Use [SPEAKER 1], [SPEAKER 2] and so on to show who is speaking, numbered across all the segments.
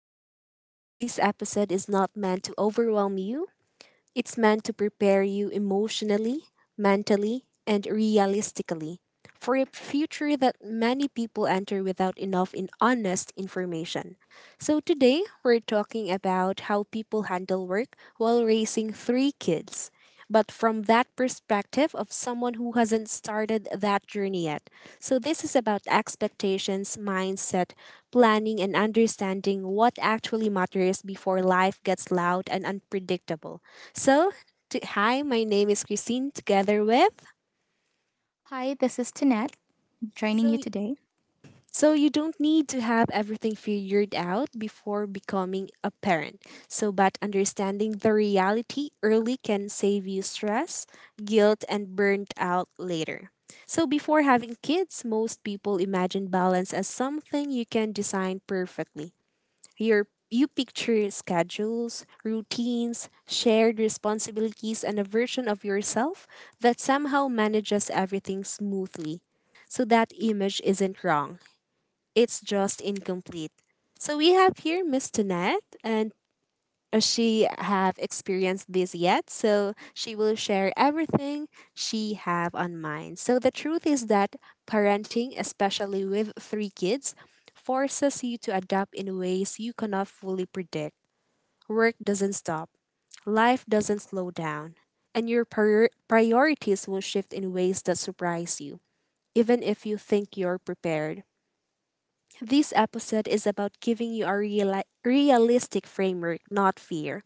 [SPEAKER 1] kids yet, this episode is not meant to overwhelm you, it's meant to prepare you emotionally, mentally, and realistically for a future that many people enter without enough in honest information. So today, we're talking about how people handle work while raising three kids, but from that perspective of someone who hasn't started that journey yet. So this is about expectations, mindset, planning, and understanding what actually matters before life gets loud and unpredictable. So, Hi, my name is Christine, together with.
[SPEAKER 2] Hi, this is Tanette joining you
[SPEAKER 1] So,
[SPEAKER 2] today.
[SPEAKER 1] so you don't need to have everything figured out before becoming a parent. But understanding the reality early can save you stress, guilt, and burnt out later. So, before having kids, most people imagine balance as something you can design perfectly. You picture schedules, routines, shared responsibilities, and a version of yourself that somehow manages everything smoothly. So that image isn't wrong. It's just incomplete. So we have here Miss Tonette, and she have experienced this yet, so she will share everything she have on mind. So the truth is that parenting, especially with three kids, forces you to adapt in ways you cannot fully predict. Work doesn't stop, life doesn't slow down, and your priorities will shift in ways that surprise you, even if you think you're prepared. This episode is about giving you a realistic framework, not fear.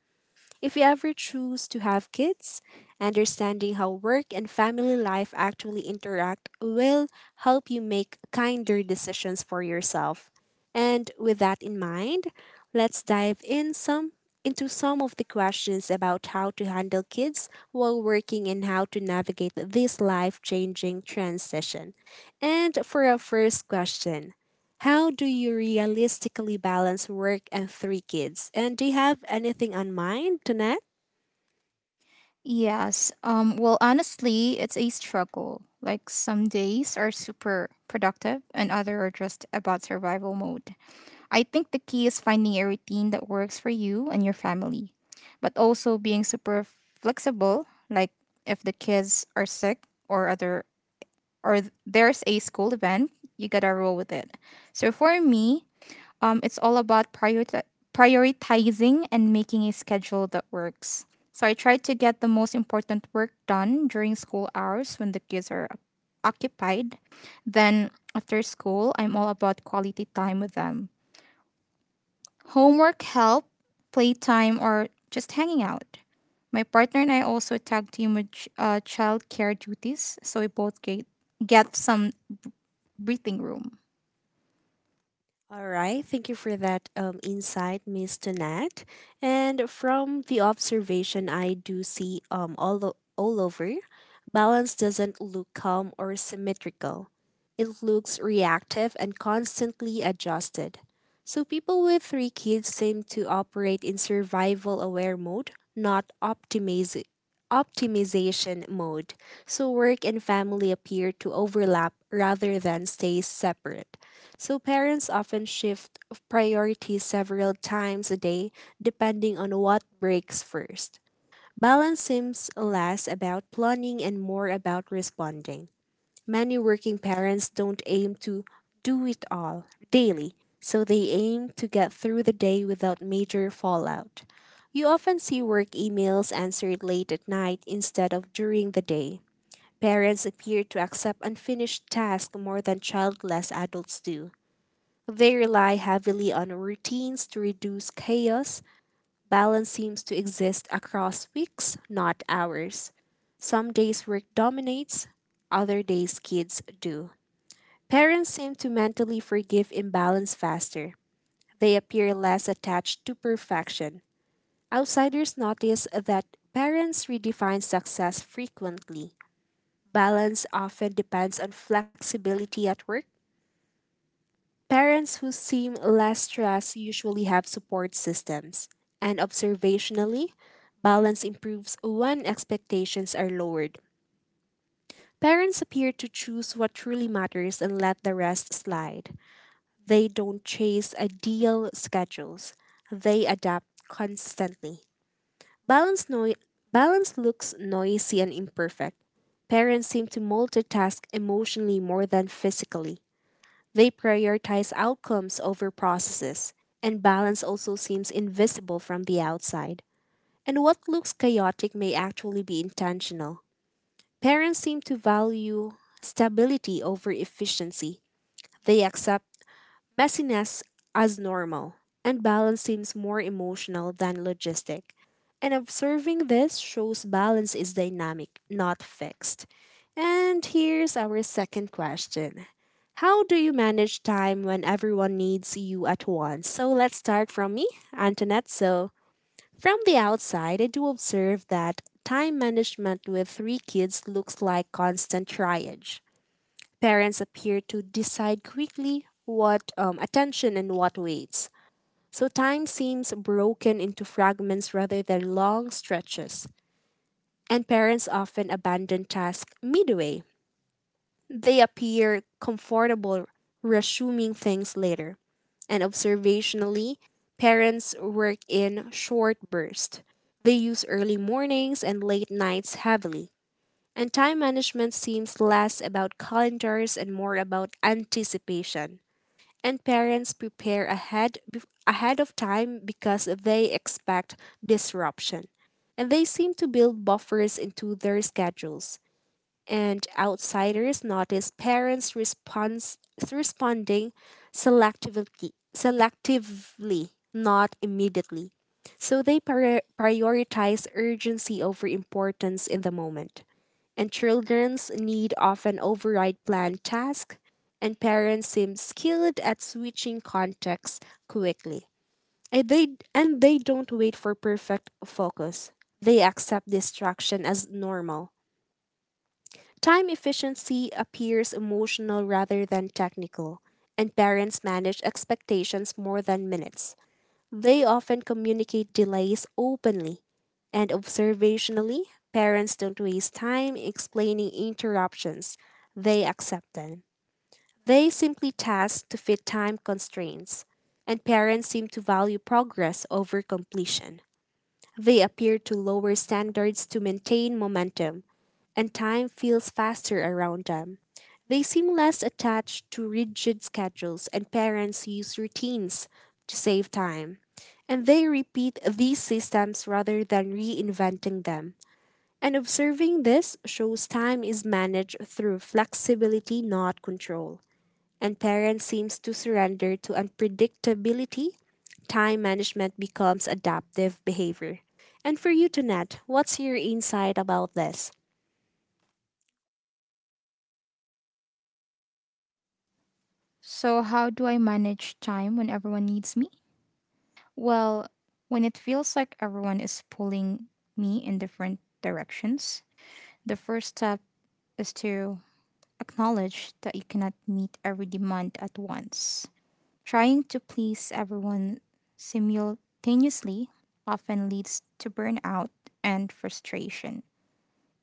[SPEAKER 1] If you ever choose to have kids, understanding how work and family life actually interact will help you make kinder decisions for yourself. And with that in mind, let's dive in some into some of the questions about how to handle kids while working and how to navigate this life-changing transition. And for our first question, how do you realistically balance work and three kids? And do you have anything on mind, Danette?
[SPEAKER 2] Yes, well, honestly, it's a struggle. Like, some days are super productive, and other are just about survival mode. I think the key is finding a routine that works for you and your family, but also being super flexible. Like, if the kids are sick or other, or there's a school event, you gotta roll with it. So, for me, it's all about prioritizing and making a schedule that works. So I try to get the most important work done during school hours when the kids are occupied. Then after school, I'm all about quality time with them. Homework help, playtime, or just hanging out. My partner and I also tag team with child care duties, so we both get some breathing room.
[SPEAKER 1] All right, thank you for that insight, Miss Tanette. And from the observation I do see, all over, balance doesn't look calm or symmetrical. It looks reactive and constantly adjusted. So people with three kids seem to operate in survival aware mode, not optimization mode. So work and family appear to overlap rather than stay separate. So parents often shift priorities several times a day depending on what breaks first. Balance seems less about planning and more about responding. Many working parents don't aim to do it all daily, so they aim to get through the day without major fallout. You often see work emails answered late at night instead of during the day. Parents appear to accept unfinished tasks more than childless adults do. They rely heavily on routines to reduce chaos. Balance seems to exist across weeks, not hours. Some days work dominates, other days kids do. Parents seem to mentally forgive imbalance faster. They appear less attached to perfection. Outsiders notice that parents redefine success frequently. Balance often depends on flexibility at work. Parents who seem less stressed usually have support systems, and observationally, balance improves when expectations are lowered. Parents appear to choose what truly matters and let the rest slide. They don't chase ideal schedules, they adapt constantly. Balance, noi- Balance looks noisy and imperfect. Parents seem to multitask emotionally more than physically. They prioritize outcomes over processes, and balance also seems invisible from the outside. And what looks chaotic may actually be intentional. Parents seem to value stability over efficiency. They accept messiness as normal, and balance seems more emotional than logistic. And observing this shows balance is dynamic, not fixed. And here's our second question. How do you manage time when everyone needs you at once? So let's start from me, Antoinette. So, from the outside, I do observe that time management with three kids looks like constant triage. Parents appear to decide quickly what attention and what waits. So time seems broken into fragments rather than long stretches. And parents often abandon tasks midway. They appear comfortable resuming things later. And observationally, parents work in short bursts. They use early mornings and late nights heavily. And time management seems less about calendars and more about anticipation. And parents prepare ahead of time because they expect disruption. And they seem to build buffers into their schedules, and outsiders notice parents response responding selectively, not immediately. So they prioritize urgency over importance in the moment. And children's need often override planned tasks, and parents seem skilled at switching contexts quickly. And they, and they don't wait for perfect focus. They accept distraction as normal. Time efficiency appears emotional rather than technical, and parents manage expectations more than minutes. They often communicate delays openly, and observationally, parents don't waste time explaining interruptions, they accept them. They simply task to fit time constraints, and parents seem to value progress over completion. They appear to lower standards to maintain momentum, and time feels faster around them. They seem less attached to rigid schedules, and parents use routines to save time. And they repeat these systems rather than reinventing them. And observing this shows time is managed through flexibility, not control, and parents seems to surrender to unpredictability, time management becomes adaptive behavior. And for you, Tonette, what's your insight about this?
[SPEAKER 2] So, how do I manage time when everyone needs me? Well, when it feels like everyone is pulling me in different directions, the first step is to acknowledge that you cannot meet every demand at once. Trying to please everyone simultaneously often leads to burnout and frustration.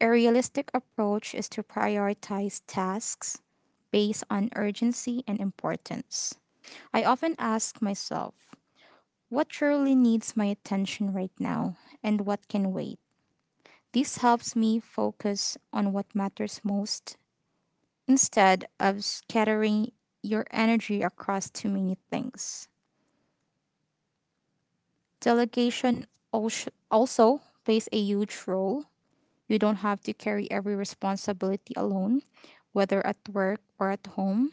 [SPEAKER 2] A realistic approach is to prioritize tasks based on urgency and importance. I often ask myself, what truly needs my attention right now and what can wait? This helps me focus on what matters most instead of scattering your energy across too many things. Delegation also plays a huge role. You don't have to carry every responsibility alone, whether at work or at home.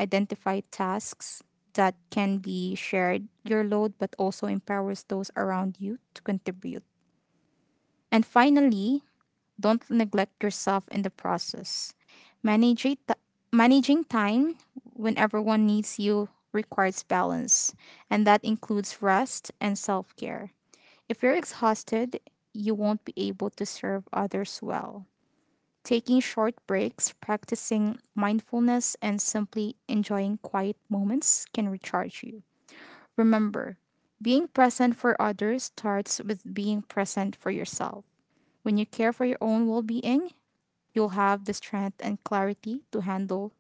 [SPEAKER 2] Identify tasks that can be shared your load but also empowers those around you to contribute. And finally, don't neglect yourself in the process. Managing it- Managing time when everyone needs you requires balance, and that includes rest and self care. If you're exhausted, you won't be able to serve others well. Taking short breaks, practicing mindfulness, and simply enjoying quiet moments can recharge you. Remember, being present for others starts with being present for yourself. When you care for your own well being, you'll have the strength and clarity to handle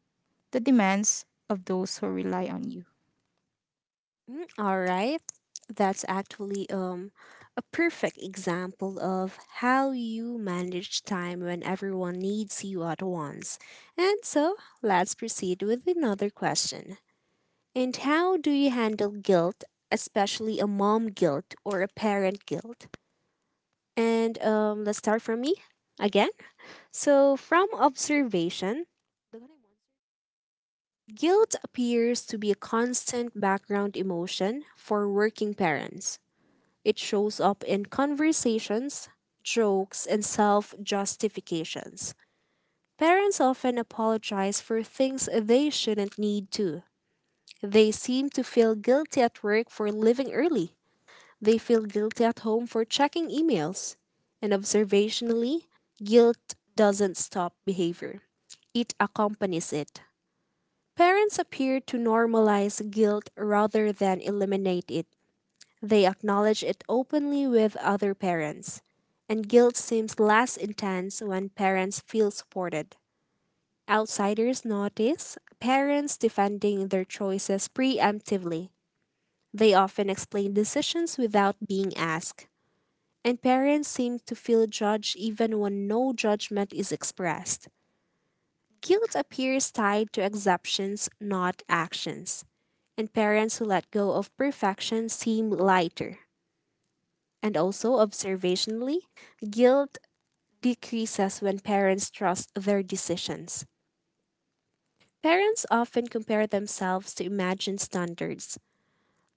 [SPEAKER 2] the demands of those who rely on you.
[SPEAKER 1] Mm. All right, that's actually a perfect example of how you manage time when everyone needs you at once. And so, let's proceed with another question. And how do you handle guilt, especially a mom guilt or a parent guilt? And let's start from me again. So, from observation, guilt appears to be a constant background emotion for working parents. It shows up in conversations, jokes, and self justifications. Parents often apologize for things they shouldn't need to. They seem to feel guilty at work for leaving early. They feel guilty at home for checking emails. And observationally, guilt doesn't stop behavior, it accompanies it. Parents appear to normalize guilt rather than eliminate it. They acknowledge it openly with other parents. And guilt seems less intense when parents feel supported. Outsiders notice parents defending their choices preemptively. They often explain decisions without being asked. And parents seem to feel judged even when no judgment is expressed. Guilt appears tied to exceptions, not actions. And parents who let go of perfection seem lighter. And also, observationally, guilt decreases when parents trust their decisions. Parents often compare themselves to imagined standards.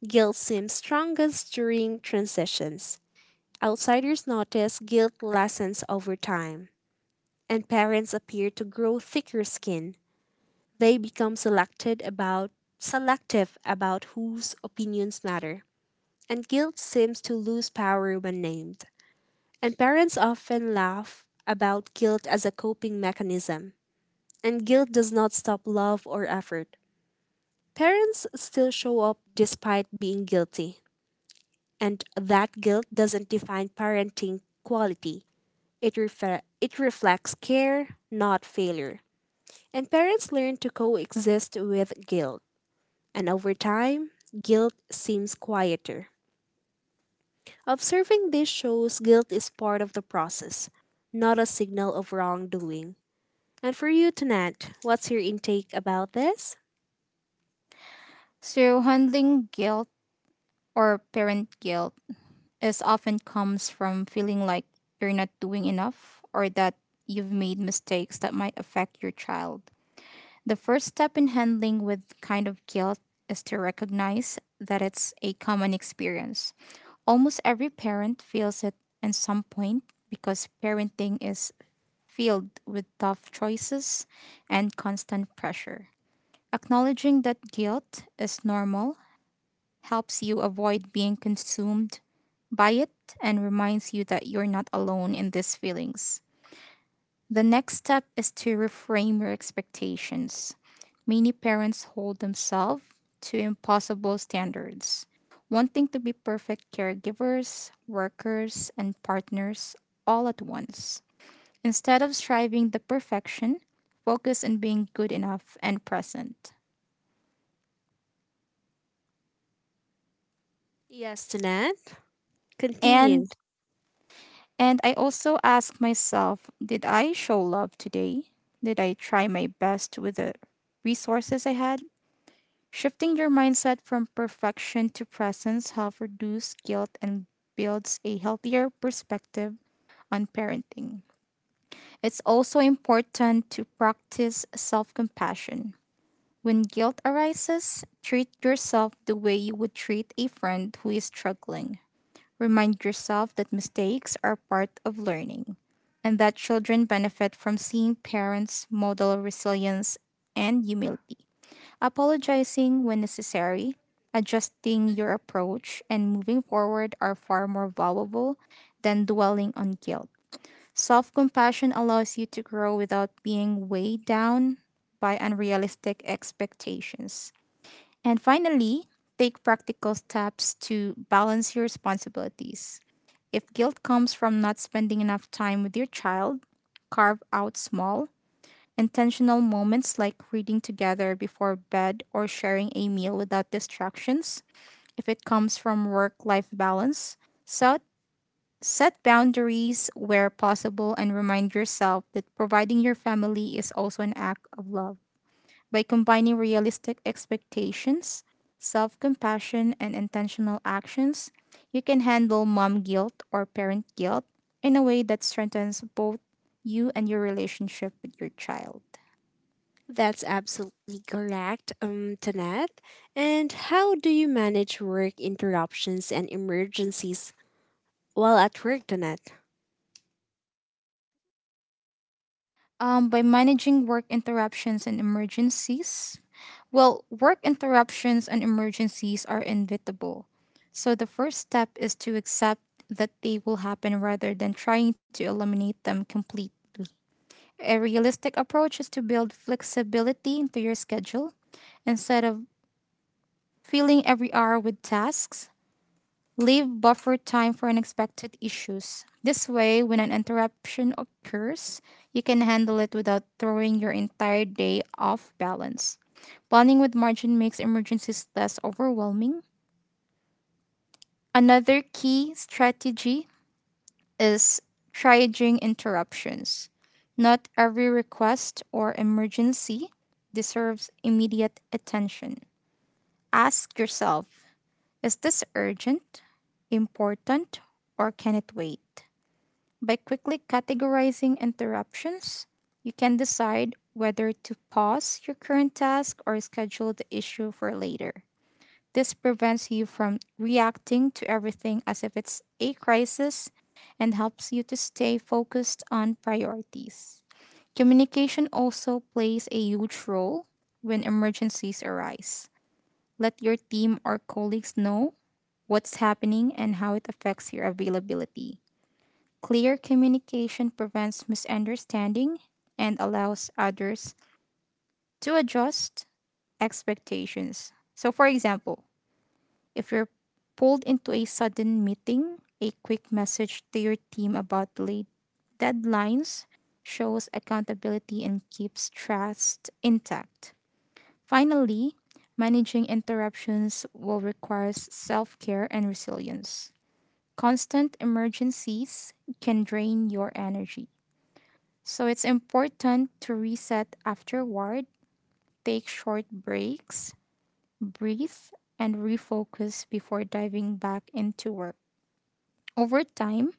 [SPEAKER 1] Guilt seems strongest during transitions. Outsiders notice guilt lessens over time, and parents appear to grow thicker skin. They become selected about selective about whose opinions matter, and guilt seems to lose power when named. And parents often laugh about guilt as a coping mechanism, and guilt does not stop love or effort. Parents still show up despite being guilty, and that guilt doesn't define parenting quality. It reflects care, not failure. And parents learn to coexist with guilt. And over time, guilt seems quieter. Observing this shows guilt is part of the process, not a signal of wrongdoing. And for you, Tanat, what's your intake about this?
[SPEAKER 2] So, handling guilt or parent guilt is often comes from feeling like you're not doing enough or that you've made mistakes that might affect your child. The first step in handling with kind of guilt is to recognize that it's a common experience. Almost every parent feels it at some point because parenting is filled with tough choices and constant pressure. Acknowledging that guilt is normal helps you avoid being consumed by it and reminds you that you're not alone in these feelings. The next step is to reframe your expectations. Many parents hold themselves to impossible standards, wanting to be perfect caregivers, workers, and partners all at once. Instead of striving the perfection, focus on being good enough and present.
[SPEAKER 1] Yes, Tanat.
[SPEAKER 2] And
[SPEAKER 1] Continue.
[SPEAKER 2] and I also ask myself, did I show love today? Did I try my best with the resources I had? Shifting your mindset from perfection to presence helps reduce guilt and builds a healthier perspective on parenting. It's also important to practice self compassion. When guilt arises, treat yourself the way you would treat a friend who is struggling. Remind yourself that mistakes are part of learning and that children benefit from seeing parents model resilience and humility. Apologizing when necessary, adjusting your approach, and moving forward are far more valuable than dwelling on guilt. Self compassion allows you to grow without being weighed down by unrealistic expectations. And finally, take practical steps to balance your responsibilities. If guilt comes from not spending enough time with your child, carve out small, intentional moments like reading together before bed or sharing a meal without distractions. If it comes from work life balance, set Set boundaries where possible and remind yourself that providing your family is also an act of love. By combining realistic expectations, self compassion, and intentional actions, you can handle mom guilt or parent guilt in a way that strengthens both you and your relationship with your child.
[SPEAKER 1] That's absolutely correct, Tanat. And how do you manage work interruptions and emergencies while at work, Tanat?
[SPEAKER 2] By managing work interruptions and emergencies, well, work interruptions and emergencies are inevitable. So the first step is to accept that they will happen rather than trying to eliminate them completely. A realistic approach is to build flexibility into your schedule instead of filling every hour with tasks. Leave buffer time for unexpected issues. This way, when an interruption occurs, you can handle it without throwing your entire day off balance. Planning with margin makes emergencies less overwhelming. Another key strategy is triaging interruptions. Not every request or emergency deserves immediate attention. Ask yourself, is this urgent, important, or can it wait? By quickly categorizing interruptions, you can decide whether to pause your current task or schedule the issue for later. This prevents you from reacting to everything as if it's a crisis and helps you to stay focused on priorities. Communication also plays a huge role when emergencies arise. Let your team or colleagues know what's happening and how it affects your availability. Clear communication prevents misunderstanding and allows others to adjust expectations. So, for example, if you're pulled into a sudden meeting, a quick message to your team about late deadlines shows accountability and keeps trust intact. Finally, managing interruptions will require self care and resilience. Constant emergencies can drain your energy, so it's important to reset afterward, take short breaks, breathe, and refocus before diving back into work. Over time,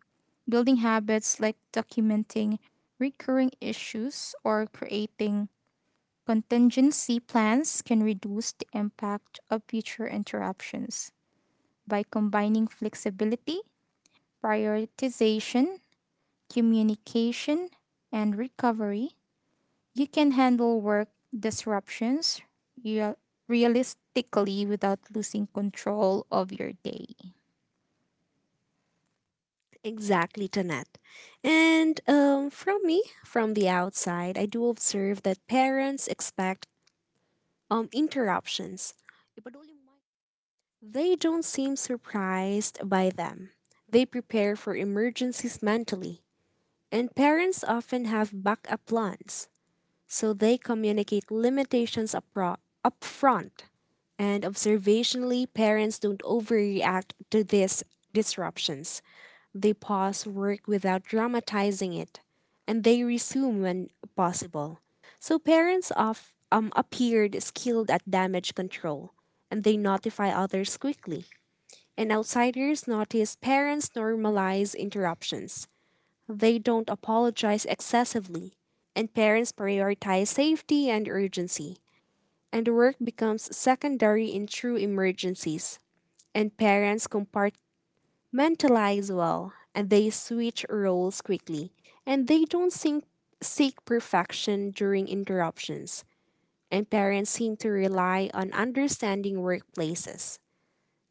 [SPEAKER 2] building habits like documenting recurring issues or creating contingency plans can reduce the impact of future interruptions. By combining flexibility, prioritization, communication, and recovery, you can handle work disruptions real- realistically without losing control of your day.
[SPEAKER 1] Exactly, Tanette. And from me, from the outside, I do observe that parents expect interruptions. They don't seem surprised by them. They prepare for emergencies mentally, and parents often have backup plans, so they communicate upfront. And observationally, parents don't overreact to these disruptions. They pause work without dramatizing it, and they resume when possible. So parents of, appeared skilled at damage control, and they notify others quickly. And outsiders notice parents normalize interruptions. They don't apologize excessively, and parents prioritize safety and urgency, and work becomes secondary in true emergencies. And parents compartmentalize well, and they switch roles quickly, and they don't seek, seek perfection during interruptions. And parents seem to rely on understanding workplaces.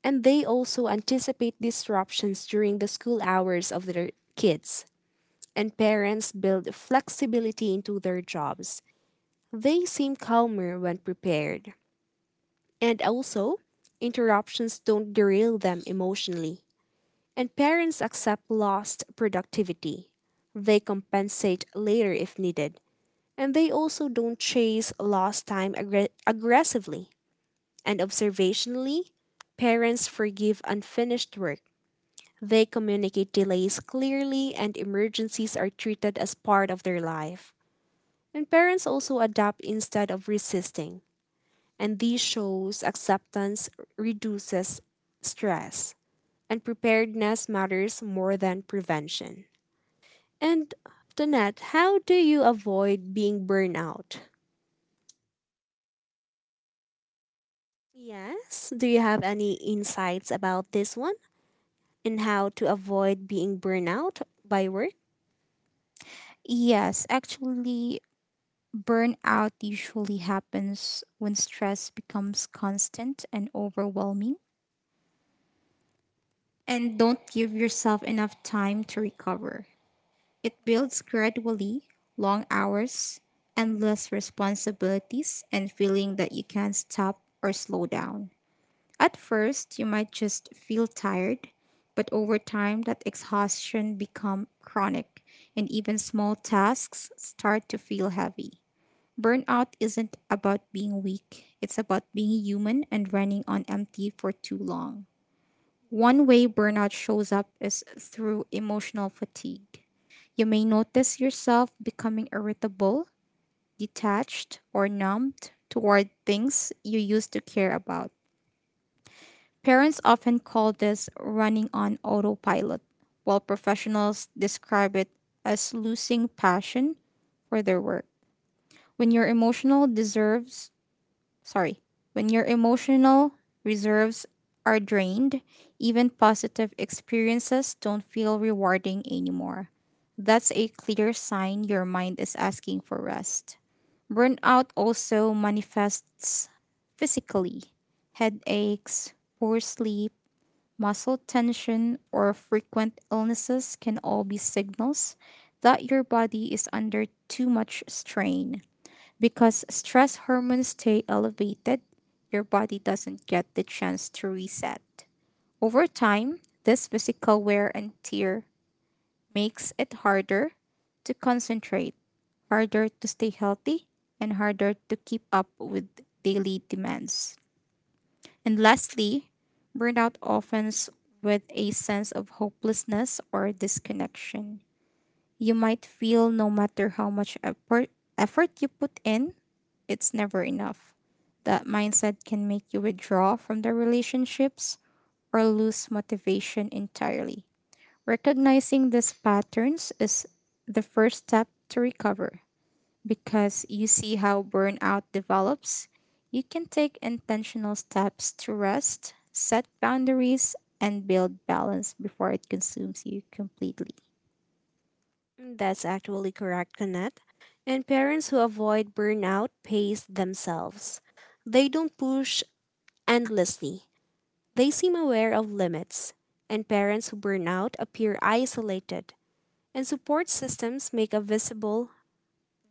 [SPEAKER 1] And they also anticipate disruptions during the school hours of their kids, and parents build flexibility into their jobs. They seem calmer when prepared. And also, interruptions don't derail them emotionally. And parents accept lost productivity. They compensate later if needed. And they also don't chase lost time aggressively. And observationally, parents forgive unfinished work. They communicate delays clearly, and emergencies are treated as part of their life. And parents also adapt instead of resisting. And this shows acceptance reduces stress. And preparedness matters more than prevention. And Donette, how do you avoid being burnout? Yes, do you have any insights about this one? In how to avoid being burnout by work?
[SPEAKER 2] Yes, actually, burnout usually happens when stress becomes constant and overwhelming, and don't give yourself enough time to recover. It builds gradually, long hours, endless responsibilities, and feeling that you can't stop or slow down. At first, you might just feel tired, but over time, that exhaustion become chronic, and even small tasks start to feel heavy. Burnout isn't about being weak, it's about being human and running on empty for too long. One way burnout shows up is through emotional fatigue. You may notice yourself becoming irritable, detached, or numbed toward things you used to care about. Parents often call this running on autopilot, while professionals describe it as losing passion for their work. When your emotional deserves, sorry, when your emotional reserves are drained, even positive experiences don't feel rewarding anymore. That's a clear sign your mind is asking for rest. Burnout also manifests physically. Headaches, poor sleep, muscle tension or frequent illnesses can all be signals that your body is under too much strain. Because stress hormones stay elevated, your body doesn't get the chance to reset. Over time, this physical wear and tear makes it harder to concentrate, harder to stay healthy, and harder to keep up with daily demands. And lastly, burnout often with a sense of hopelessness or disconnection. You might feel no matter how much effort you put in, it's never enough. That mindset can make you withdraw from the relationships or lose motivation entirely. Recognizing these patterns is the first step to recover. Because you see how burnout develops, you can take intentional steps to rest, set boundaries, and build balance before it consumes you completely.
[SPEAKER 1] That's actually correct, Donette. And parents who avoid burnout pace themselves. They don't push endlessly. They seem aware of limits, and parents who burn out appear isolated, and support systems make a visible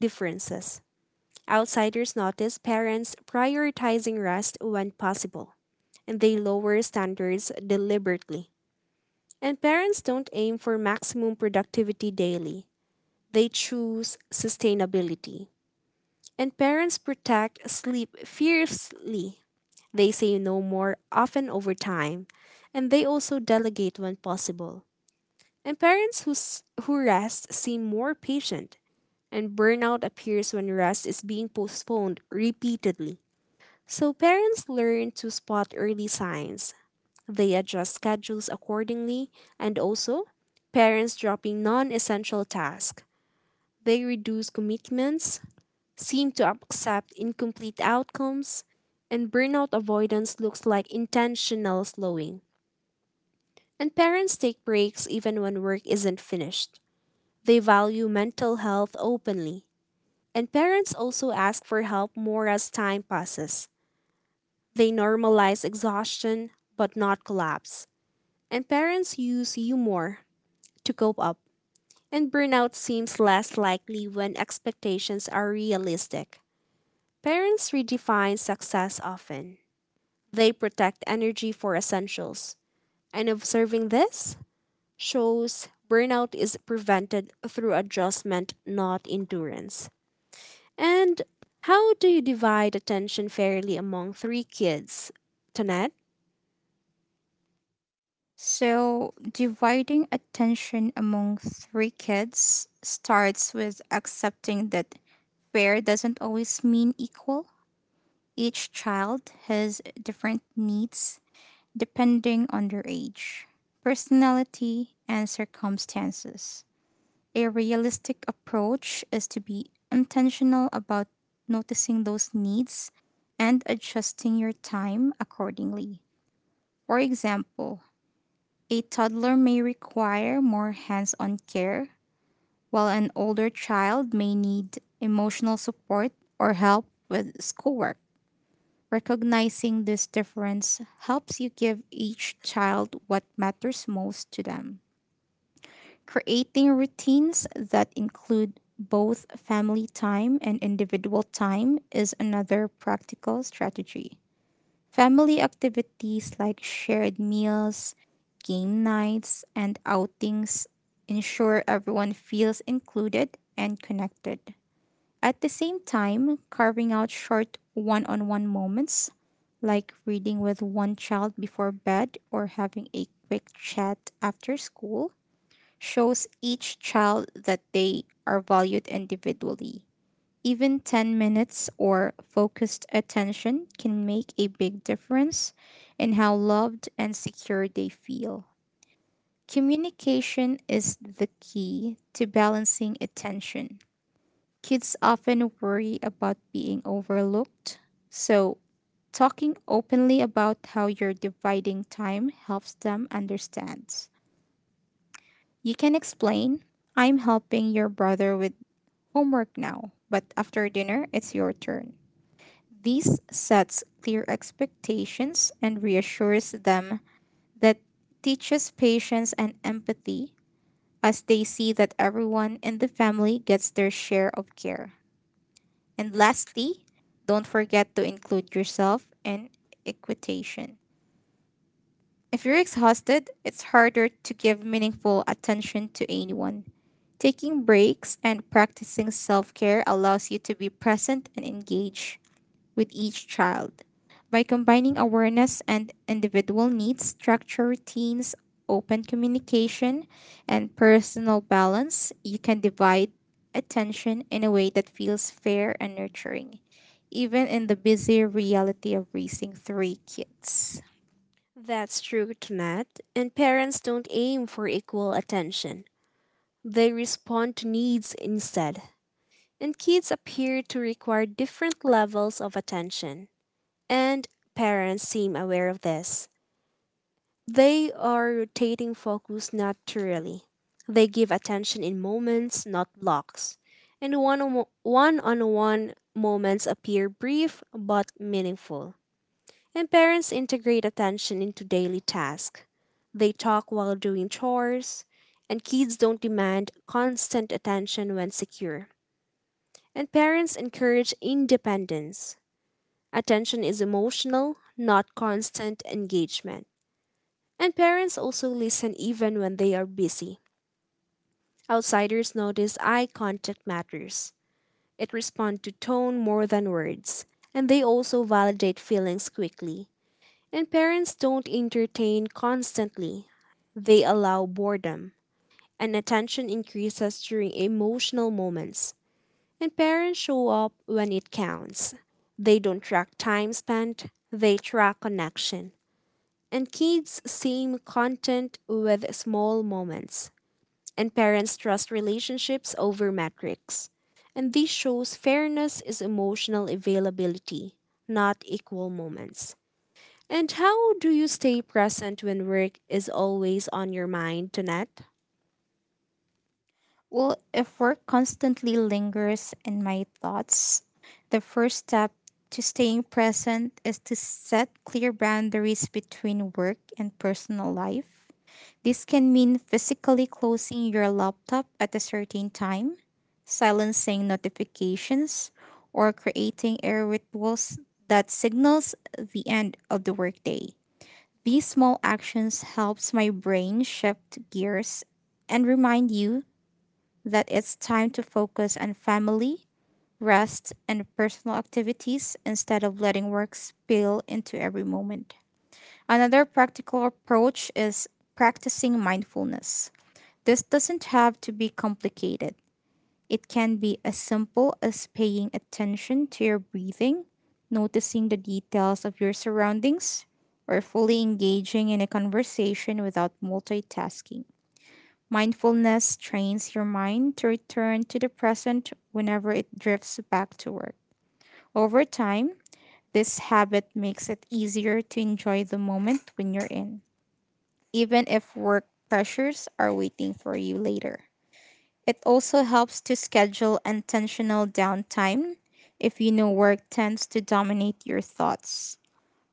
[SPEAKER 1] differences. Outsiders notice parents prioritizing rest when possible, and they lower standards deliberately. And parents don't aim for maximum productivity daily. They choose sustainability. And parents protect sleep fiercely. They say no more often over time, and they also delegate when possible. And parents who, who rest seem more patient, and burnout appears when rest is being postponed repeatedly. So parents learn to spot early signs. They adjust schedules accordingly, and also, parents dropping non essential tasks. They reduce commitments seem to accept incomplete outcomes, and burnout avoidance looks like intentional slowing. And parents take breaks even when work isn't finished. They value mental health openly. And parents also ask for help more as time passes. They normalize exhaustion, but not collapse. And parents use humor to cope up. And burnout seems less likely when expectations are realistic. Parents redefine success often. They protect energy for essentials. And observing this shows burnout is prevented through adjustment, not endurance. And how do you divide attention fairly among three kids, Tonette?
[SPEAKER 2] So, dividing attention among three kids starts with accepting that fair doesn't always mean equal. Each child has different needs depending on their age, personality, and circumstances. A realistic approach is to be intentional about noticing those needs and adjusting your time accordingly. For example, a toddler may require more hands on care, while an older child may need emotional support or help with schoolwork. Recognizing this difference helps you give each child what matters most to them. Creating routines that include both family time and individual time is another practical strategy. Family activities like shared meals, game nights, and outings ensure everyone feels included and connected. At the same time, carving out short one on one moments, like reading with one child before bed or having a quick chat after school, shows each child that they are valued individually. Even 10 minutes or focused attention can make a big difference in how loved and secure they feel. Communication is the key to balancing attention. Kids often worry about being overlooked, so talking openly about how you're dividing time helps them understand. You can explain, I'm helping your brother with homework now, but after dinner, it's your turn. This sets clear expectations and reassures them that teaches patience and empathy as they see that everyone in the family gets their share of care. And lastly, don't forget to include yourself in equitation. If you're exhausted, it's harder to give meaningful attention to anyone. Taking breaks and practicing self care allows you to be present and engaged with each child. By combining awareness and individual needs, structure routines, open communication, and personal balance, you can divide attention in a way that feels fair and nurturing, even in the busy reality of raising three kids.
[SPEAKER 1] That's true, Tonette. And parents don't aim for equal attention, they respond to needs instead. And kids appear to require different levels of attention. And parents seem aware of this. They are rotating focus naturally. They give attention in moments, not blocks. And one on one on one moments appear brief but meaningful. And parents integrate attention into daily tasks. They talk while doing chores, and kids don't demand constant attention when secure. And parents encourage independence. Attention is emotional, not constant engagement. And parents also listen even when they are busy. Outsiders notice eye contact matters. It responds to tone more than words, and they also validate feelings quickly. And parents don't entertain constantly. They allow boredom, and attention increases during emotional moments. And parents show up when it counts. They don't track time spent, they track connection. And kids seem content with small moments. And parents trust relationships over metrics. And this shows fairness is emotional availability, not equal moments. And how do you stay present when work is always on your mind, Danette?
[SPEAKER 2] Well, if work constantly lingers in my thoughts, the first step to staying present is to set clear boundaries between work and personal life. This can mean physically closing your laptop at a certain time, silencing notifications, or creating air rituals that signals the end of the workday. These small actions helps my brain shift gears and remind you that it's time to focus on family, rest, and personal activities instead of letting work spill into every moment. Another practical approach is practicing mindfulness. This doesn't have to be complicated. It can be as simple as paying attention to your breathing, noticing the details of your surroundings, or fully engaging in a conversation without multitasking. Mindfulness trains your mind to return to the present whenever it drifts back to work. Over time, this habit makes it easier to enjoy the moment when you're in, even if work pressures are waiting for you later. It also helps to schedule intentional downtime if you know work tends to dominate your thoughts.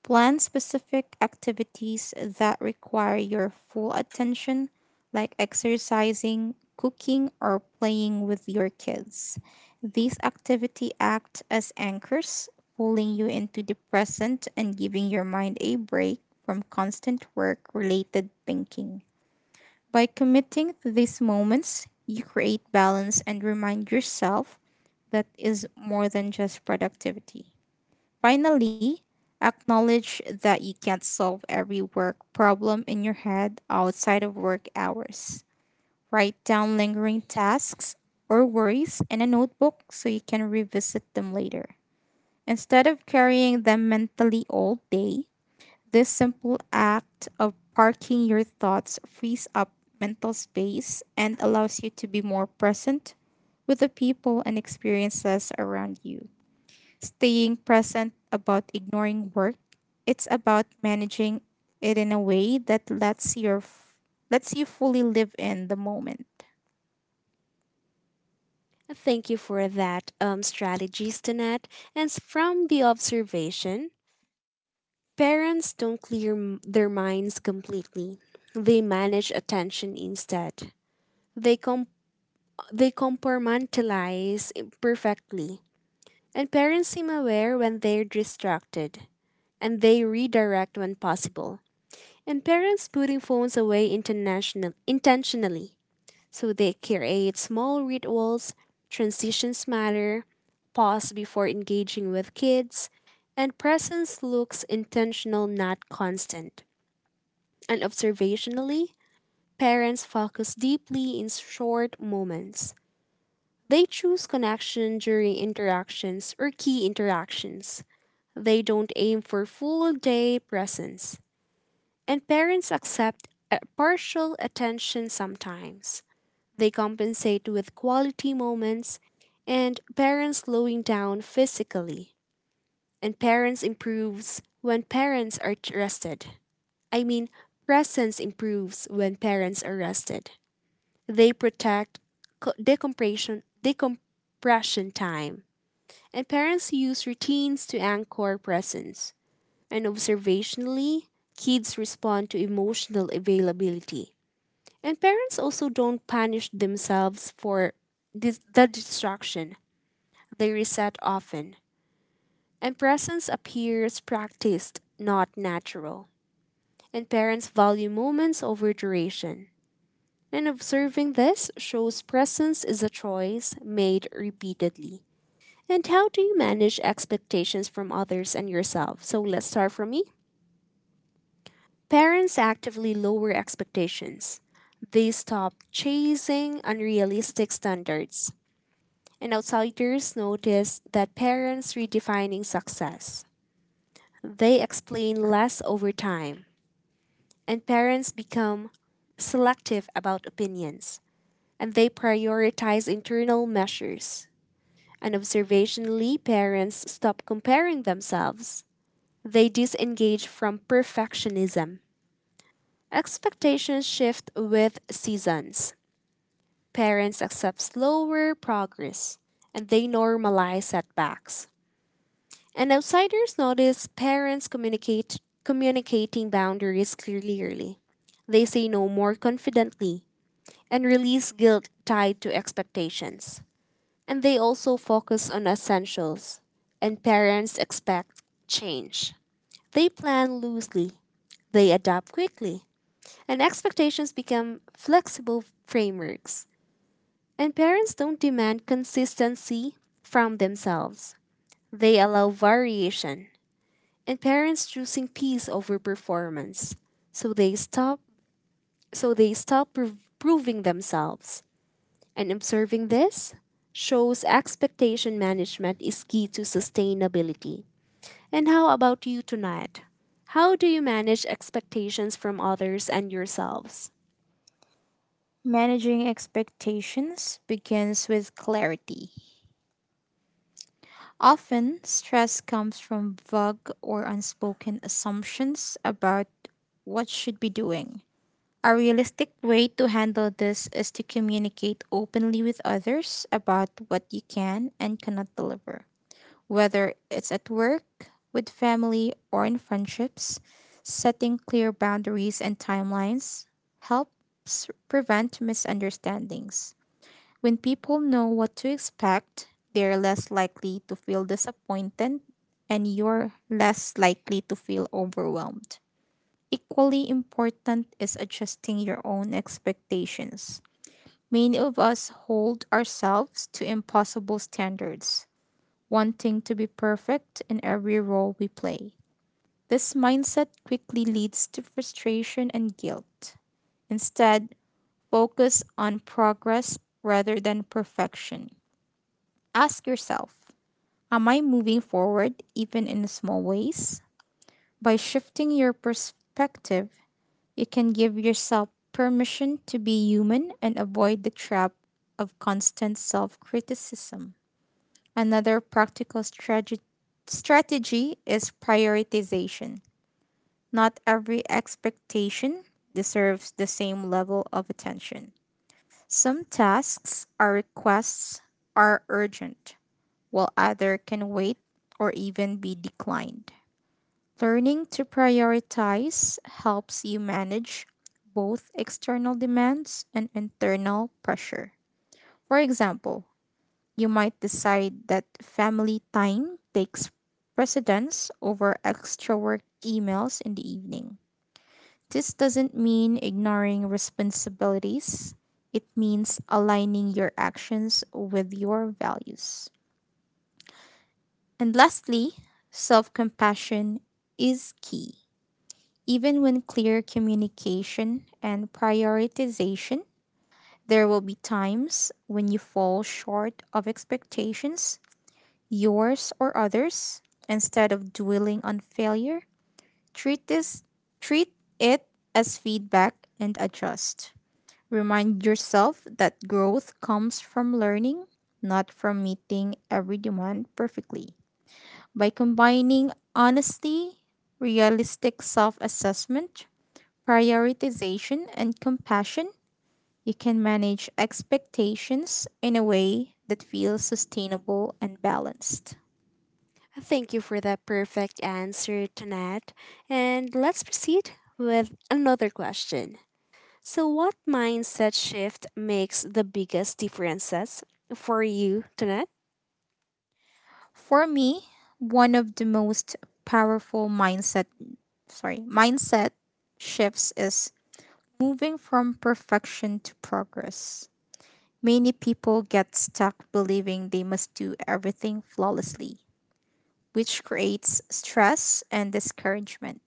[SPEAKER 2] Plan specific activities that require your full attention, like exercising, cooking, or playing with your kids. These activities act as anchors, pulling you into the present and giving your mind a break from constant work related thinking. By committing to these moments, you create balance and remind yourself that is more than just productivity. Finally, acknowledge that you can't solve every work problem in your head outside of work hours. Write down lingering tasks or worries in a notebook so you can revisit them later. Instead of carrying them mentally all day, this simple act of parking your thoughts frees up mental space and allows you to be more present with the people and experiences around you staying present about ignoring work. It's about managing it in a way that lets you fully live in the moment.
[SPEAKER 1] Thank you for that strategies, Danette. And from the observation, parents don't clear their minds completely. They manage attention instead. They they compartmentalize perfectly. And parents seem aware when they're distracted. And they redirect when possible. And parents putting phones away intentionally. So they create small rituals, transitions matter, pause before engaging with kids, and presence looks intentional, not constant. And observationally, parents focus deeply in short moments. They choose connection during interactions or key interactions. They don't aim for full day presence. And parents accept a partial attention sometimes. They compensate with quality moments and parents slowing down physically. And parents improves when parents are rested. I mean, presence improves when parents are rested. They protect decompression, decompression time, and parents use routines to anchor presence. And observationally, kids respond to emotional availability. And parents also don't punish themselves for the distraction. They reset often. And presence appears practiced, not natural. And parents value moments over duration. And observing this shows presence is a choice made repeatedly. And how do you manage expectations from others and yourself? So let's start from me. Parents actively lower expectations. They stop chasing unrealistic standards. And outsiders notice that parents redefining success. They explain less over time. And parents become selective about opinions, and they prioritize internal measures. And observationally, parents stop comparing themselves. They disengage from perfectionism. Expectations shift with seasons. Parents accept slower progress and they normalize setbacks. And outsiders notice parents communicate communicating boundaries clearly. They say no more confidently and release guilt tied to expectations. And they also focus on essentials, and parents expect change. They plan loosely, they adapt quickly, and expectations become flexible frameworks. And parents don't demand consistency from themselves, they allow variation. And parents choosing peace over performance, so they stop so they stop proving themselves. And observing this shows expectation management is key to sustainability. And how about you tonight? How do you manage expectations from others and yourselves?
[SPEAKER 2] Managing expectations begins with clarity. Often, stress comes from vague or unspoken assumptions about what should be doing. A realistic way to handle this is to communicate openly with others about what you can and cannot deliver. Whether it's at work, with family, or in friendships, setting clear boundaries and timelines helps prevent misunderstandings. When people know what to expect, they're less likely to feel disappointed and you're less likely to feel overwhelmed. Equally important is adjusting your own expectations. Many of us hold ourselves to impossible standards wanting to be perfect in every role we play. This mindset quickly leads to frustration and guilt. Instead, focus on progress rather than perfection. Ask yourself, am I moving forward even in small ways? By shifting your perspective, you can give yourself permission to be human and avoid the trap of constant self criticism. Another practical strategy is prioritization. Not every expectation deserves the same level of attention. Some tasks or requests are urgent, while others can wait or even be declined. Learning to prioritize helps you manage both external demands and internal pressure. For example, you might decide that family time takes precedence over extra work emails in the evening. This doesn't mean ignoring responsibilities, it means aligning your actions with your values. And lastly, self compassion is key. Even when clear communication and prioritization, there will be times when you fall short of expectations yours or others, instead of dwelling on failure, treat this treat it as feedback and adjust. Remind yourself that growth comes from learning, not from meeting every demand perfectly. By combining honesty, realistic self-assessment, prioritization, and compassion, you can manage expectations in a way that feels sustainable and balanced.
[SPEAKER 1] Thank you for that perfect answer, Tanat. And let's proceed with another question. So, what mindset shift makes the biggest differences for you, Tanat?
[SPEAKER 2] For me, one of the most powerful mindset, sorry, mindset shifts is moving from perfection to progress. Many people get stuck believing they must do everything flawlessly, which creates stress and discouragement.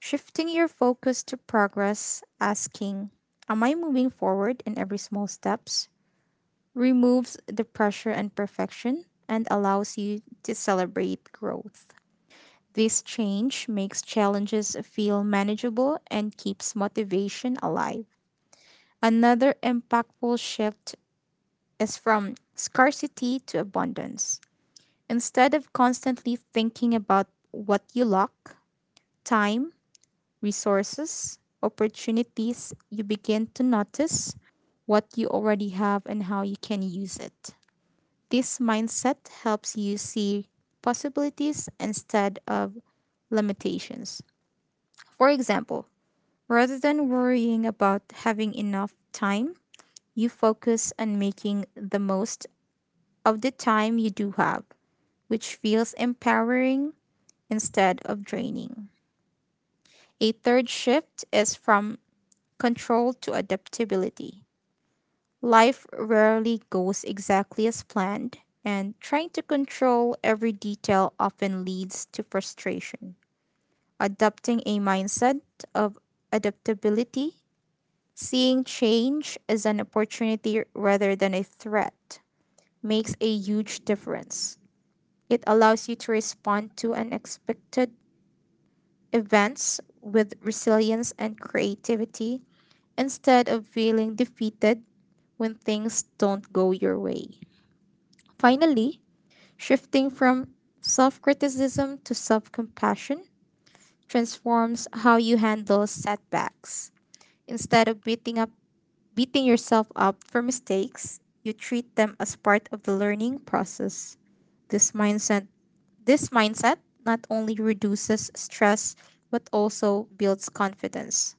[SPEAKER 2] Shifting your focus to progress, asking, am I moving forward in every small steps? Removes the pressure and perfection and allows you to celebrate growth. This change makes challenges feel manageable and keeps motivation alive. Another impactful shift is from scarcity to abundance. Instead of constantly thinking about what you lack, time, resources, opportunities, you begin to notice what you already have and how you can use it. This mindset helps you see possibilities instead of limitations. For example, rather than worrying about having enough time, you focus on making the most of the time you do have, which feels empowering instead of draining. A third shift is from control to adaptability. Life rarely goes exactly as planned, and trying to control every detail often leads to frustration. Adopting a mindset of adaptability, seeing change as an opportunity rather than a threat, makes a huge difference. It allows you to respond to unexpected events with resilience and creativity instead of feeling defeated when things don't go your way. Finally, shifting from self criticism to self compassion transforms how you handle setbacks. Instead of beating yourself up for mistakes, you treat them as part of the learning process. This mindset this mindset not only reduces stress but also builds confidence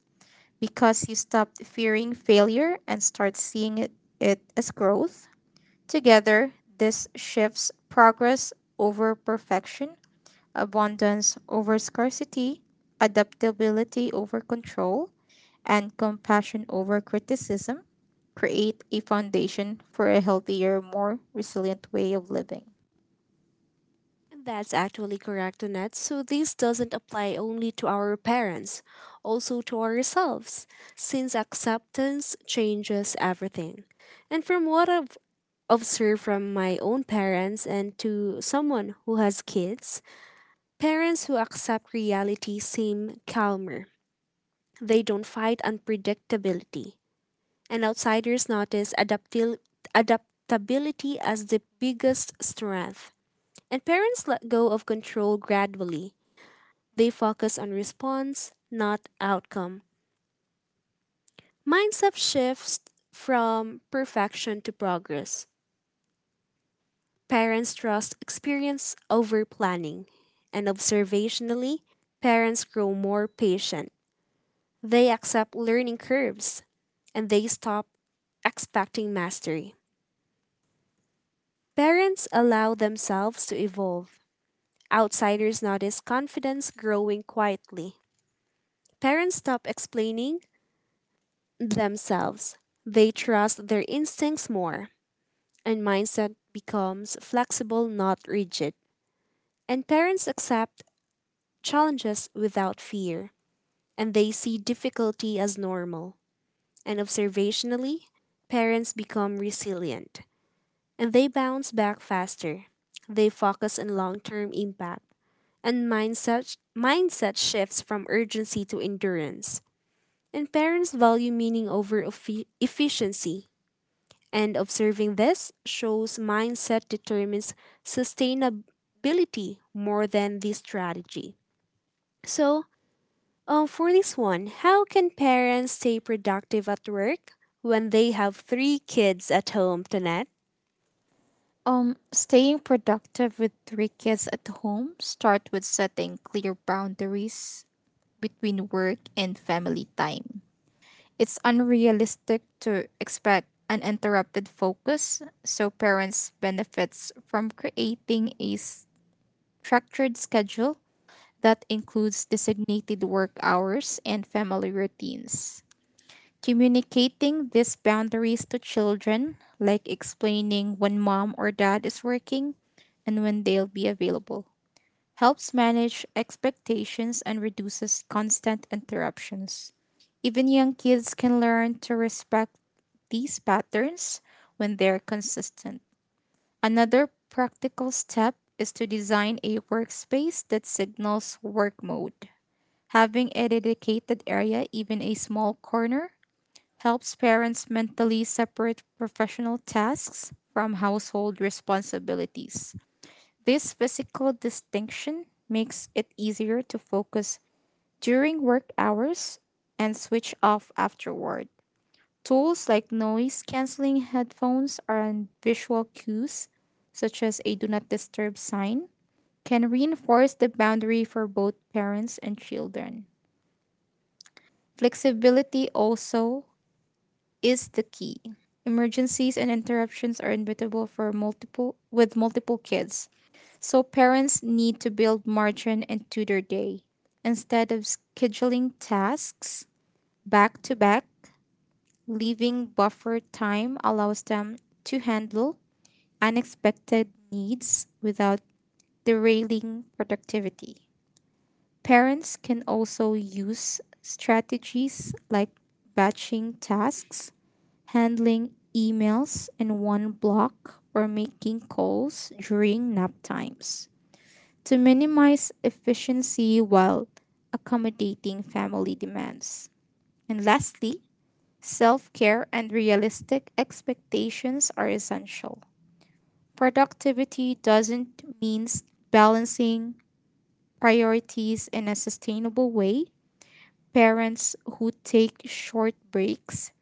[SPEAKER 2] because you stop fearing failure and start seeing it as growth. Together, this shifts progress over perfection, abundance over scarcity, adaptability over control, and compassion over criticism create a foundation for a healthier, more resilient way of living.
[SPEAKER 1] That's actually correct, Annette. So this doesn't apply only to our parents, also to ourselves, since acceptance changes everything. And from what I've observed from my own parents and to someone who has kids, parents who accept reality seem calmer. They don't fight unpredictability. And outsiders notice adaptability as the biggest strength. And parents let go of control gradually. They focus on response, not outcome. Mindset shifts from perfection to progress. Parents trust experience over planning. And observationally, parents grow more patient. They accept learning curves and they stop expecting mastery. Parents allow themselves to evolve. Outsiders notice confidence growing quietly. Parents stop explaining themselves. They trust their instincts more, and mindset becomes flexible, not rigid. And parents accept challenges without fear, and they see difficulty as normal. And observationally, parents become resilient, and they bounce back faster. They focus on long term impact, and mindset shifts from urgency to endurance. And parents value meaning over efficiency. And observing this shows mindset determines sustainability more than the strategy. So, for this one, how can parents stay productive at work when they have three kids at home, Tonette?
[SPEAKER 2] Staying productive with three kids at home start with setting clear boundaries between work and family time. It's unrealistic to expect uninterrupted focus, so parents benefits from creating a structured schedule that includes designated work hours and family routines. Communicating these boundaries to children, like explaining when mom or dad is working and when they'll be available, helps manage expectations and reduces constant interruptions. Even young kids can learn to respect these patterns when they're consistent. Another practical step is to design a workspace that signals work mode. Having a dedicated area, even a small corner, helps parents mentally separate professional tasks from household responsibilities. This physical distinction makes it easier to focus during work hours and switch off afterward. Tools like noise canceling headphones and visual cues, such as a do not disturb sign, can reinforce the boundary for both parents and children. Flexibility also is the key. Emergencies and interruptions are inevitable for multiple with multiple kids. So parents need to build margin into their day. Instead of scheduling tasks back to back, leaving buffer time allows them to handle unexpected needs without derailing productivity. Parents can also use strategies like batching tasks, handling emails in one block, or making calls during nap times to minimize efficiency while accommodating family demands. And lastly, self care and realistic expectations are essential. Productivity doesn't mean balancing priorities in a sustainable way. Parents who take short breaks,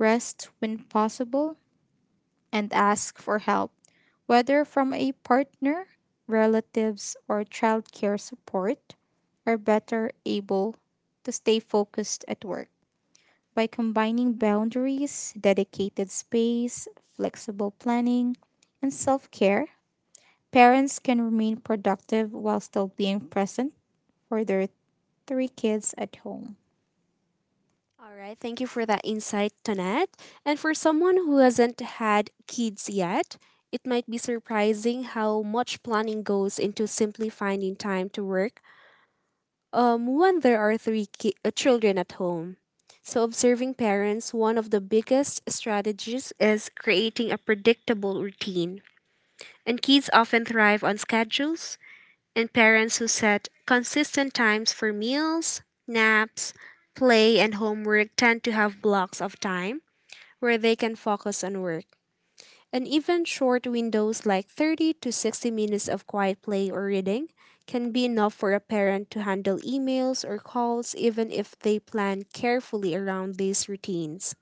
[SPEAKER 2] rest when possible, and ask for help, whether from a partner, relatives, or childcare support, are better able to stay focused at work. By combining boundaries, dedicated space, flexible planning, and self care, parents can remain productive while still being present for their three kids at home.
[SPEAKER 1] All right, thank you for that insight, Tonette. And for someone who hasn't had kids yet, it might be surprising how much planning goes into simply finding time to work. When there are three children at home. So, observing parents, one of the biggest strategies is creating a predictable routine. And kids often thrive on schedules, and parents who set consistent times for meals, naps, play, and homework tend to have blocks of time where they can focus on work. And even short windows like 30 to 60 minutes of quiet play or reading can be enough for a parent to handle emails or calls, even if they plan carefully around these routines.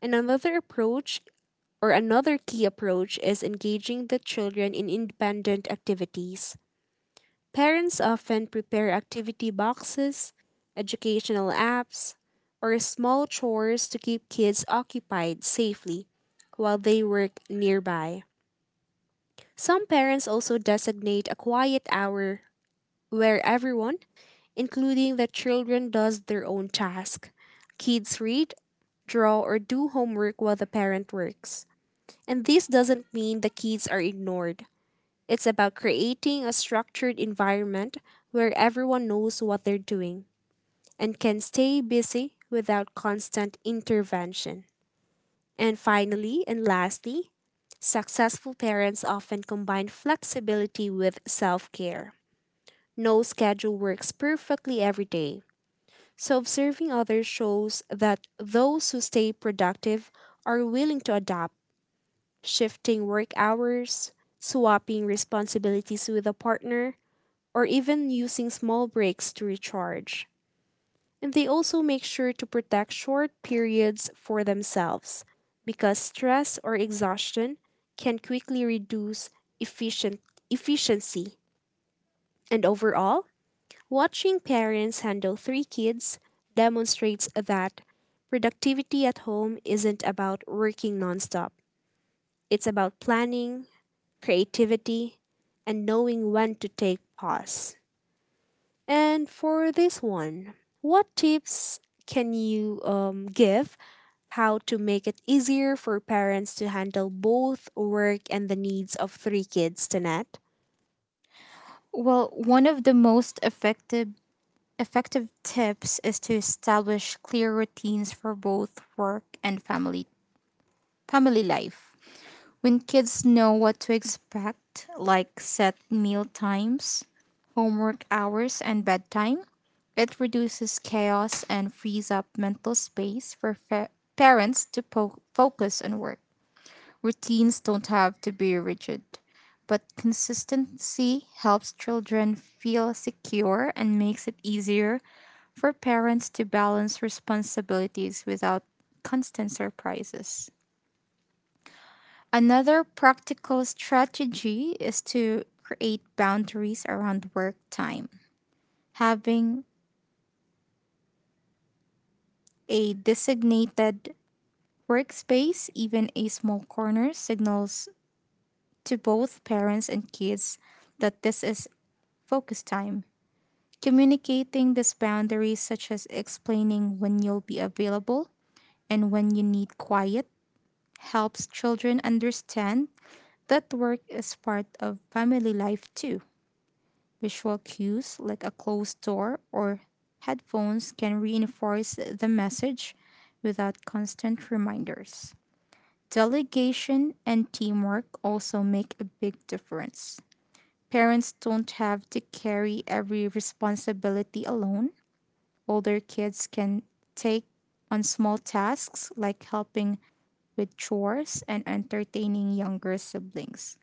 [SPEAKER 1] And another approach, or another key approach, is engaging the children in independent activities. Parents often prepare activity boxes, educational apps, or small chores to keep kids occupied safely while they work nearby. Some parents also designate a quiet hour where everyone, including the children, does their own task. Kids read, draw, or do homework while the parent works. And this doesn't mean the kids are ignored. It's about creating a structured environment where everyone knows what they're doing and can stay busy without constant intervention. And finally, and lastly, successful parents often combine flexibility with self care. No schedule works perfectly every day. So, observing others shows that those who stay productive are willing to adapt, shifting work hours, swapping responsibilities with a partner, or even using small breaks to recharge. And they also make sure to protect short periods for themselves because stress or exhaustion can quickly reduce efficient efficiency. And overall, watching parents handle three kids demonstrates that productivity at home isn't about working nonstop. It's about planning, creativity, and knowing when to take pause. And for this one, what tips can you give how to make it easier for parents to handle both work and the needs of three kids, Tanette?
[SPEAKER 2] Well, one of the most effective tips is to establish clear routines for both work and family life. When kids know what to expect, like set meal times, homework hours, and bedtime, it reduces chaos and frees up mental space for parents to focus on work. Routines don't have to be rigid, but consistency helps children feel secure and makes it easier for parents to balance responsibilities without constant surprises. Another practical strategy is to create boundaries around work time. Having a designated workspace, even a small corner, signals to both parents and kids that this is focus time. Communicating these boundaries, such as explaining when you'll be available and when you need quiet, helps children understand that work is part of family life too. Visual cues like a closed door or headphones can reinforce the message without constant reminders. Delegation and teamwork also make a big difference. Parents don't have to carry every responsibility alone. Older kids can take on small tasks like helping with chores and entertaining younger siblings,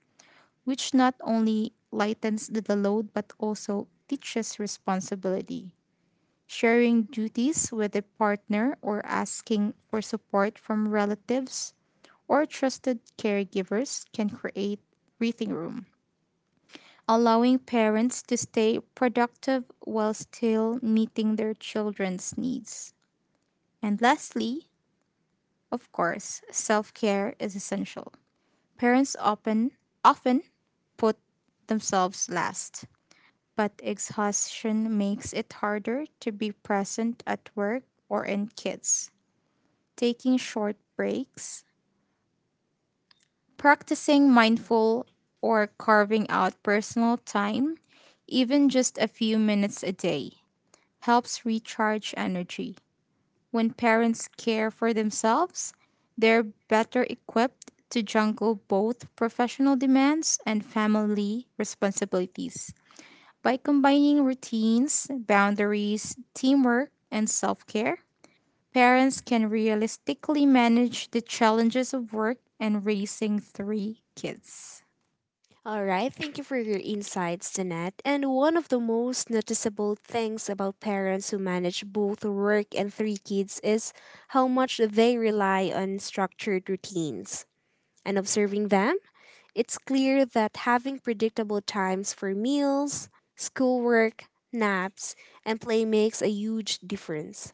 [SPEAKER 2] which not only lightens the load but also teaches responsibility. Sharing duties with a partner or asking for support from relatives or trusted caregivers can create breathing room, allowing parents to stay productive while still meeting their children's needs. And lastly, of course, self-care is essential. Parents often put themselves last, but exhaustion makes it harder to be present at work or in kids. Taking short breaks, practicing mindful or carving out personal time, even just a few minutes a day, helps recharge energy. When parents care for themselves, they're better equipped to juggle both professional demands and family responsibilities. By combining routines, boundaries, teamwork, and self care, parents can realistically manage the challenges of work and raising three kids.
[SPEAKER 1] All right, thank you for your insights, Tanette. And one of the most noticeable things about parents who manage both work and three kids is how much they rely on structured routines, and observing them, it's clear that having predictable times for meals, schoolwork, naps, and play makes a huge difference.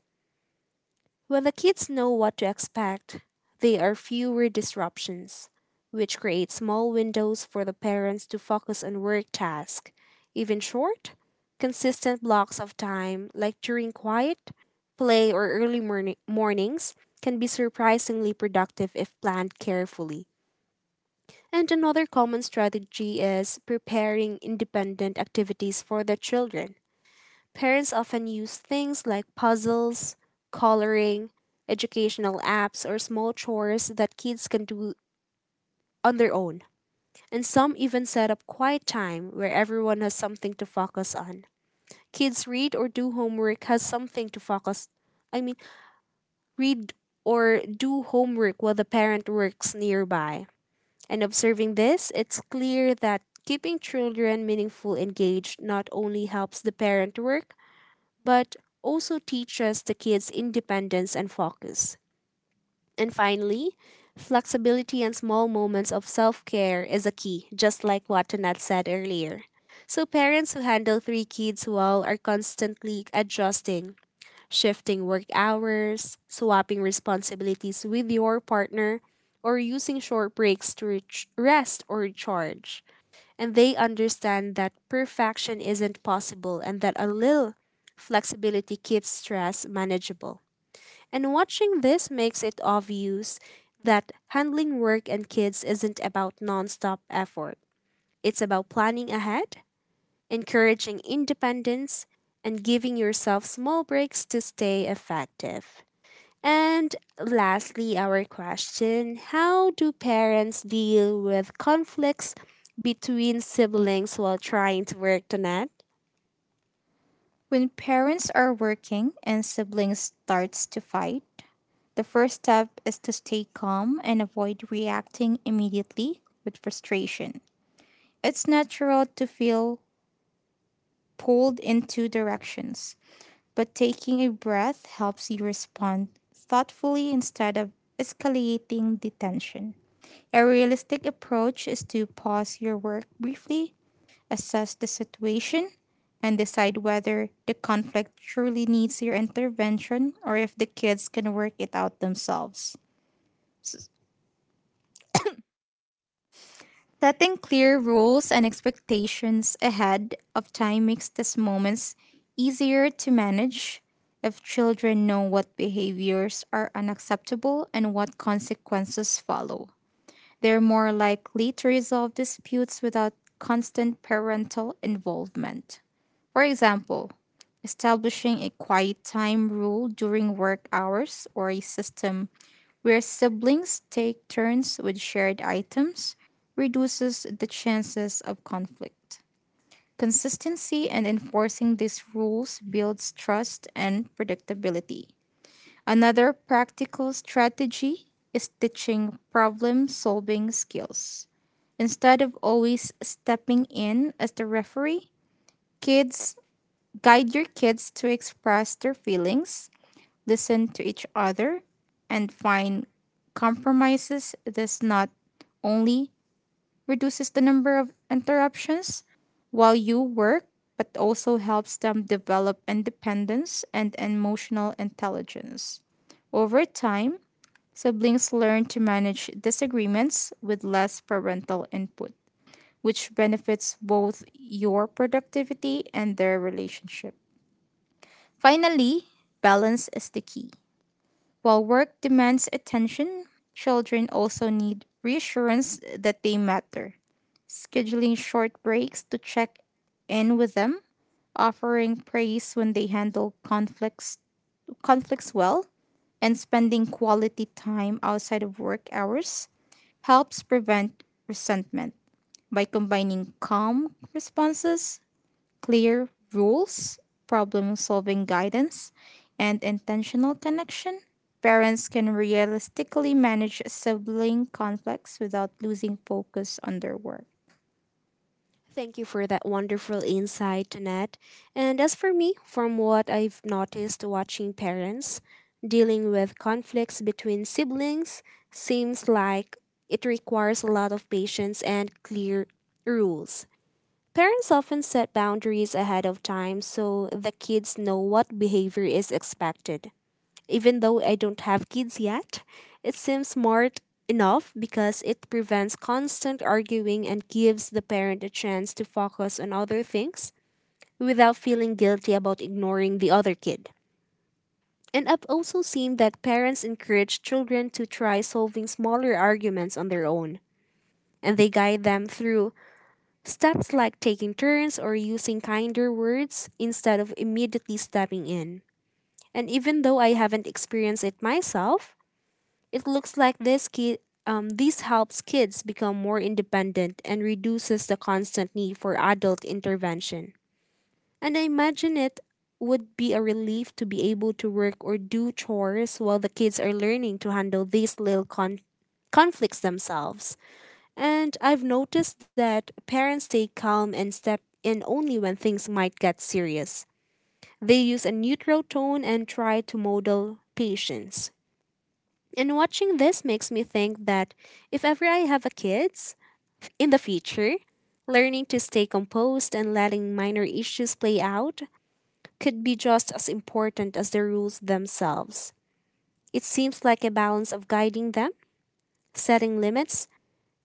[SPEAKER 1] When the kids know what to expect, there are fewer disruptions, which create small windows for the parents to focus on work tasks. Even short, consistent blocks of time, like during quiet, play, or early mornings, can be surprisingly productive if planned carefully. And another common strategy is preparing independent activities for the children. Parents often use things like puzzles, coloring, educational apps, or small chores that kids can do on their own. And some even set up quiet time where everyone has something to focus on. Kids read or do homework has something to focus I mean, read or do homework while the parent works nearby. And observing this, it's clear that keeping children meaningful engaged not only helps the parent work, but also teaches the kids independence and focus. And finally, flexibility and small moments of self care is a key, just like what Tanat said earlier. So, parents who handle three kids well are constantly adjusting shifting work hours, swapping responsibilities with your partner, or using short breaks to reach rest or recharge. And they understand that perfection isn't possible and that a little flexibility keeps stress manageable. And watching this makes it obvious that handling work and kids isn't about nonstop effort. It's about planning ahead, encouraging independence, and giving yourself small breaks to stay effective. And lastly, our question: how do parents deal with conflicts between siblings while trying to work, to net?
[SPEAKER 2] When parents are working and siblings starts to fight, the first step is to stay calm and avoid reacting immediately with frustration. It's natural to feel pulled in two directions. But taking a breath helps you respond thoughtfully instead of escalating the tension. A realistic approach is to pause your work briefly, assess the situation, and decide whether the conflict truly needs your intervention or if the kids can work it out themselves. S- Setting clear rules and expectations ahead of time makes these moments easier to manage. If children know what behaviors are unacceptable and what consequences follow, they're more likely to resolve disputes without constant parental involvement. For example, establishing a quiet time rule during work hours or a system where siblings take turns with shared items reduces the chances of conflict. Consistency and enforcing these rules builds trust and predictability. Another practical strategy is teaching problem solving skills. Instead of always stepping in as the referee, kids guide your kids to express their feelings, listen to each other, and find compromises. This not only reduces the number of interruptions while you work, but also helps them develop independence and emotional intelligence. Over time, siblings learn to manage disagreements with less parental input, which benefits both your productivity and their relationship. Finally, balance is the key. While work demands attention, children also need reassurance that they matter. Scheduling short breaks to check in with them, offering praise when they handle conflicts well, and spending quality time outside of work hours helps prevent resentment by combining calm responses, clear rules, problem solving guidance, and intentional connection, parents can realistically manage sibling conflicts without losing focus on their work.
[SPEAKER 1] Thank you for that wonderful insight, Annette. And as for me, from what I've noticed watching parents dealing with conflicts between siblings, seems like it requires a lot of patience and clear rules. Parents often set boundaries ahead of time so the kids know what behavior is expected. Even though I don't have kids yet, it seems smart enough because it prevents constant arguing and gives the parent a chance to focus on other things without feeling guilty about ignoring the other kid. And I've also seen that parents encourage children to try solving smaller arguments on their own, and they guide them through steps like taking turns or using kinder words instead of immediately stepping in. And even though I haven't experienced it myself, it looks like this helps kids become more independent and reduces the constant need for adult intervention. And I imagine it would be a relief to be able to work or do chores while the kids are learning to handle these little conflicts themselves. And I've noticed that parents stay calm and step in only when things might get serious. They use a neutral tone and try to model patience. And watching this makes me think that if ever I have a kids in the future, learning to stay composed and letting minor issues play out could be just as important as the rules themselves. It seems like a balance of guiding them, setting limits,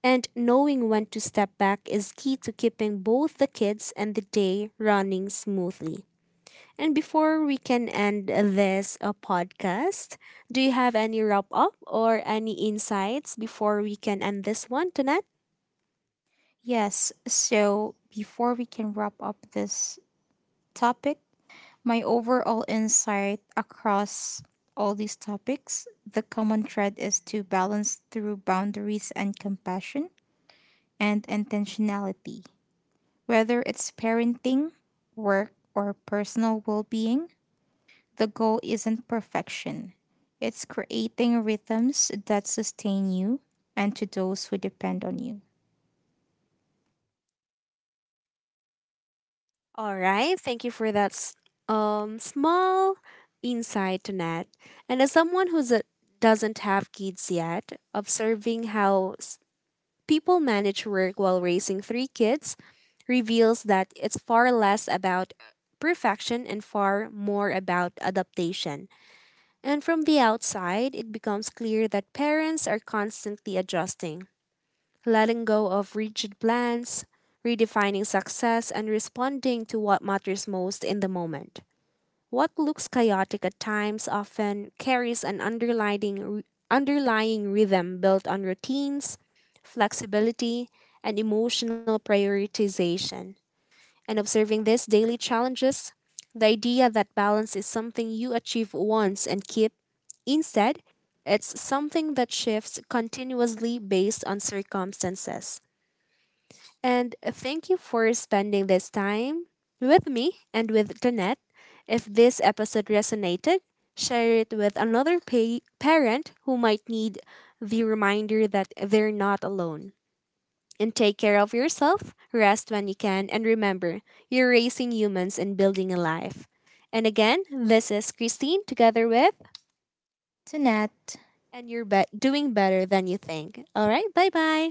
[SPEAKER 1] and knowing when to step back is key to keeping both the kids and the day running smoothly. And before we can end this podcast, do you have any wrap up or any insights before we can end this one, Tonette?
[SPEAKER 2] Yes, so before we can wrap up this topic, my overall insight across all these topics, the common thread is to balance through boundaries and compassion and intentionality. Whether it's parenting, work, or personal well being, the goal isn't perfection. It's creating rhythms that sustain you and to those who depend on you.
[SPEAKER 1] All right. Thank you for that small insight, Tonette. And as someone who's doesn't have kids yet, observing how people manage work while raising three kids reveals that it's far less about perfection and far more about adaptation. And from the outside, it becomes clear that parents are constantly adjusting, letting go of rigid plans, redefining success, and responding to what matters most in the moment. What looks chaotic at times often carries an underlying rhythm built on routines, flexibility, and emotional prioritization. And observing these daily challenges, the idea that balance is something you achieve once and keep, instead, it's something that shifts continuously based on circumstances. And thank you for spending this time with me and with Danette. If this episode resonated, share it with another parent who might need the reminder that they're not alone. And take care of yourself, rest when you can, and remember, you're raising humans and building a life. And again, this is Christine together with,
[SPEAKER 2] Tunette.
[SPEAKER 1] and you're doing better than you think. All right, bye bye.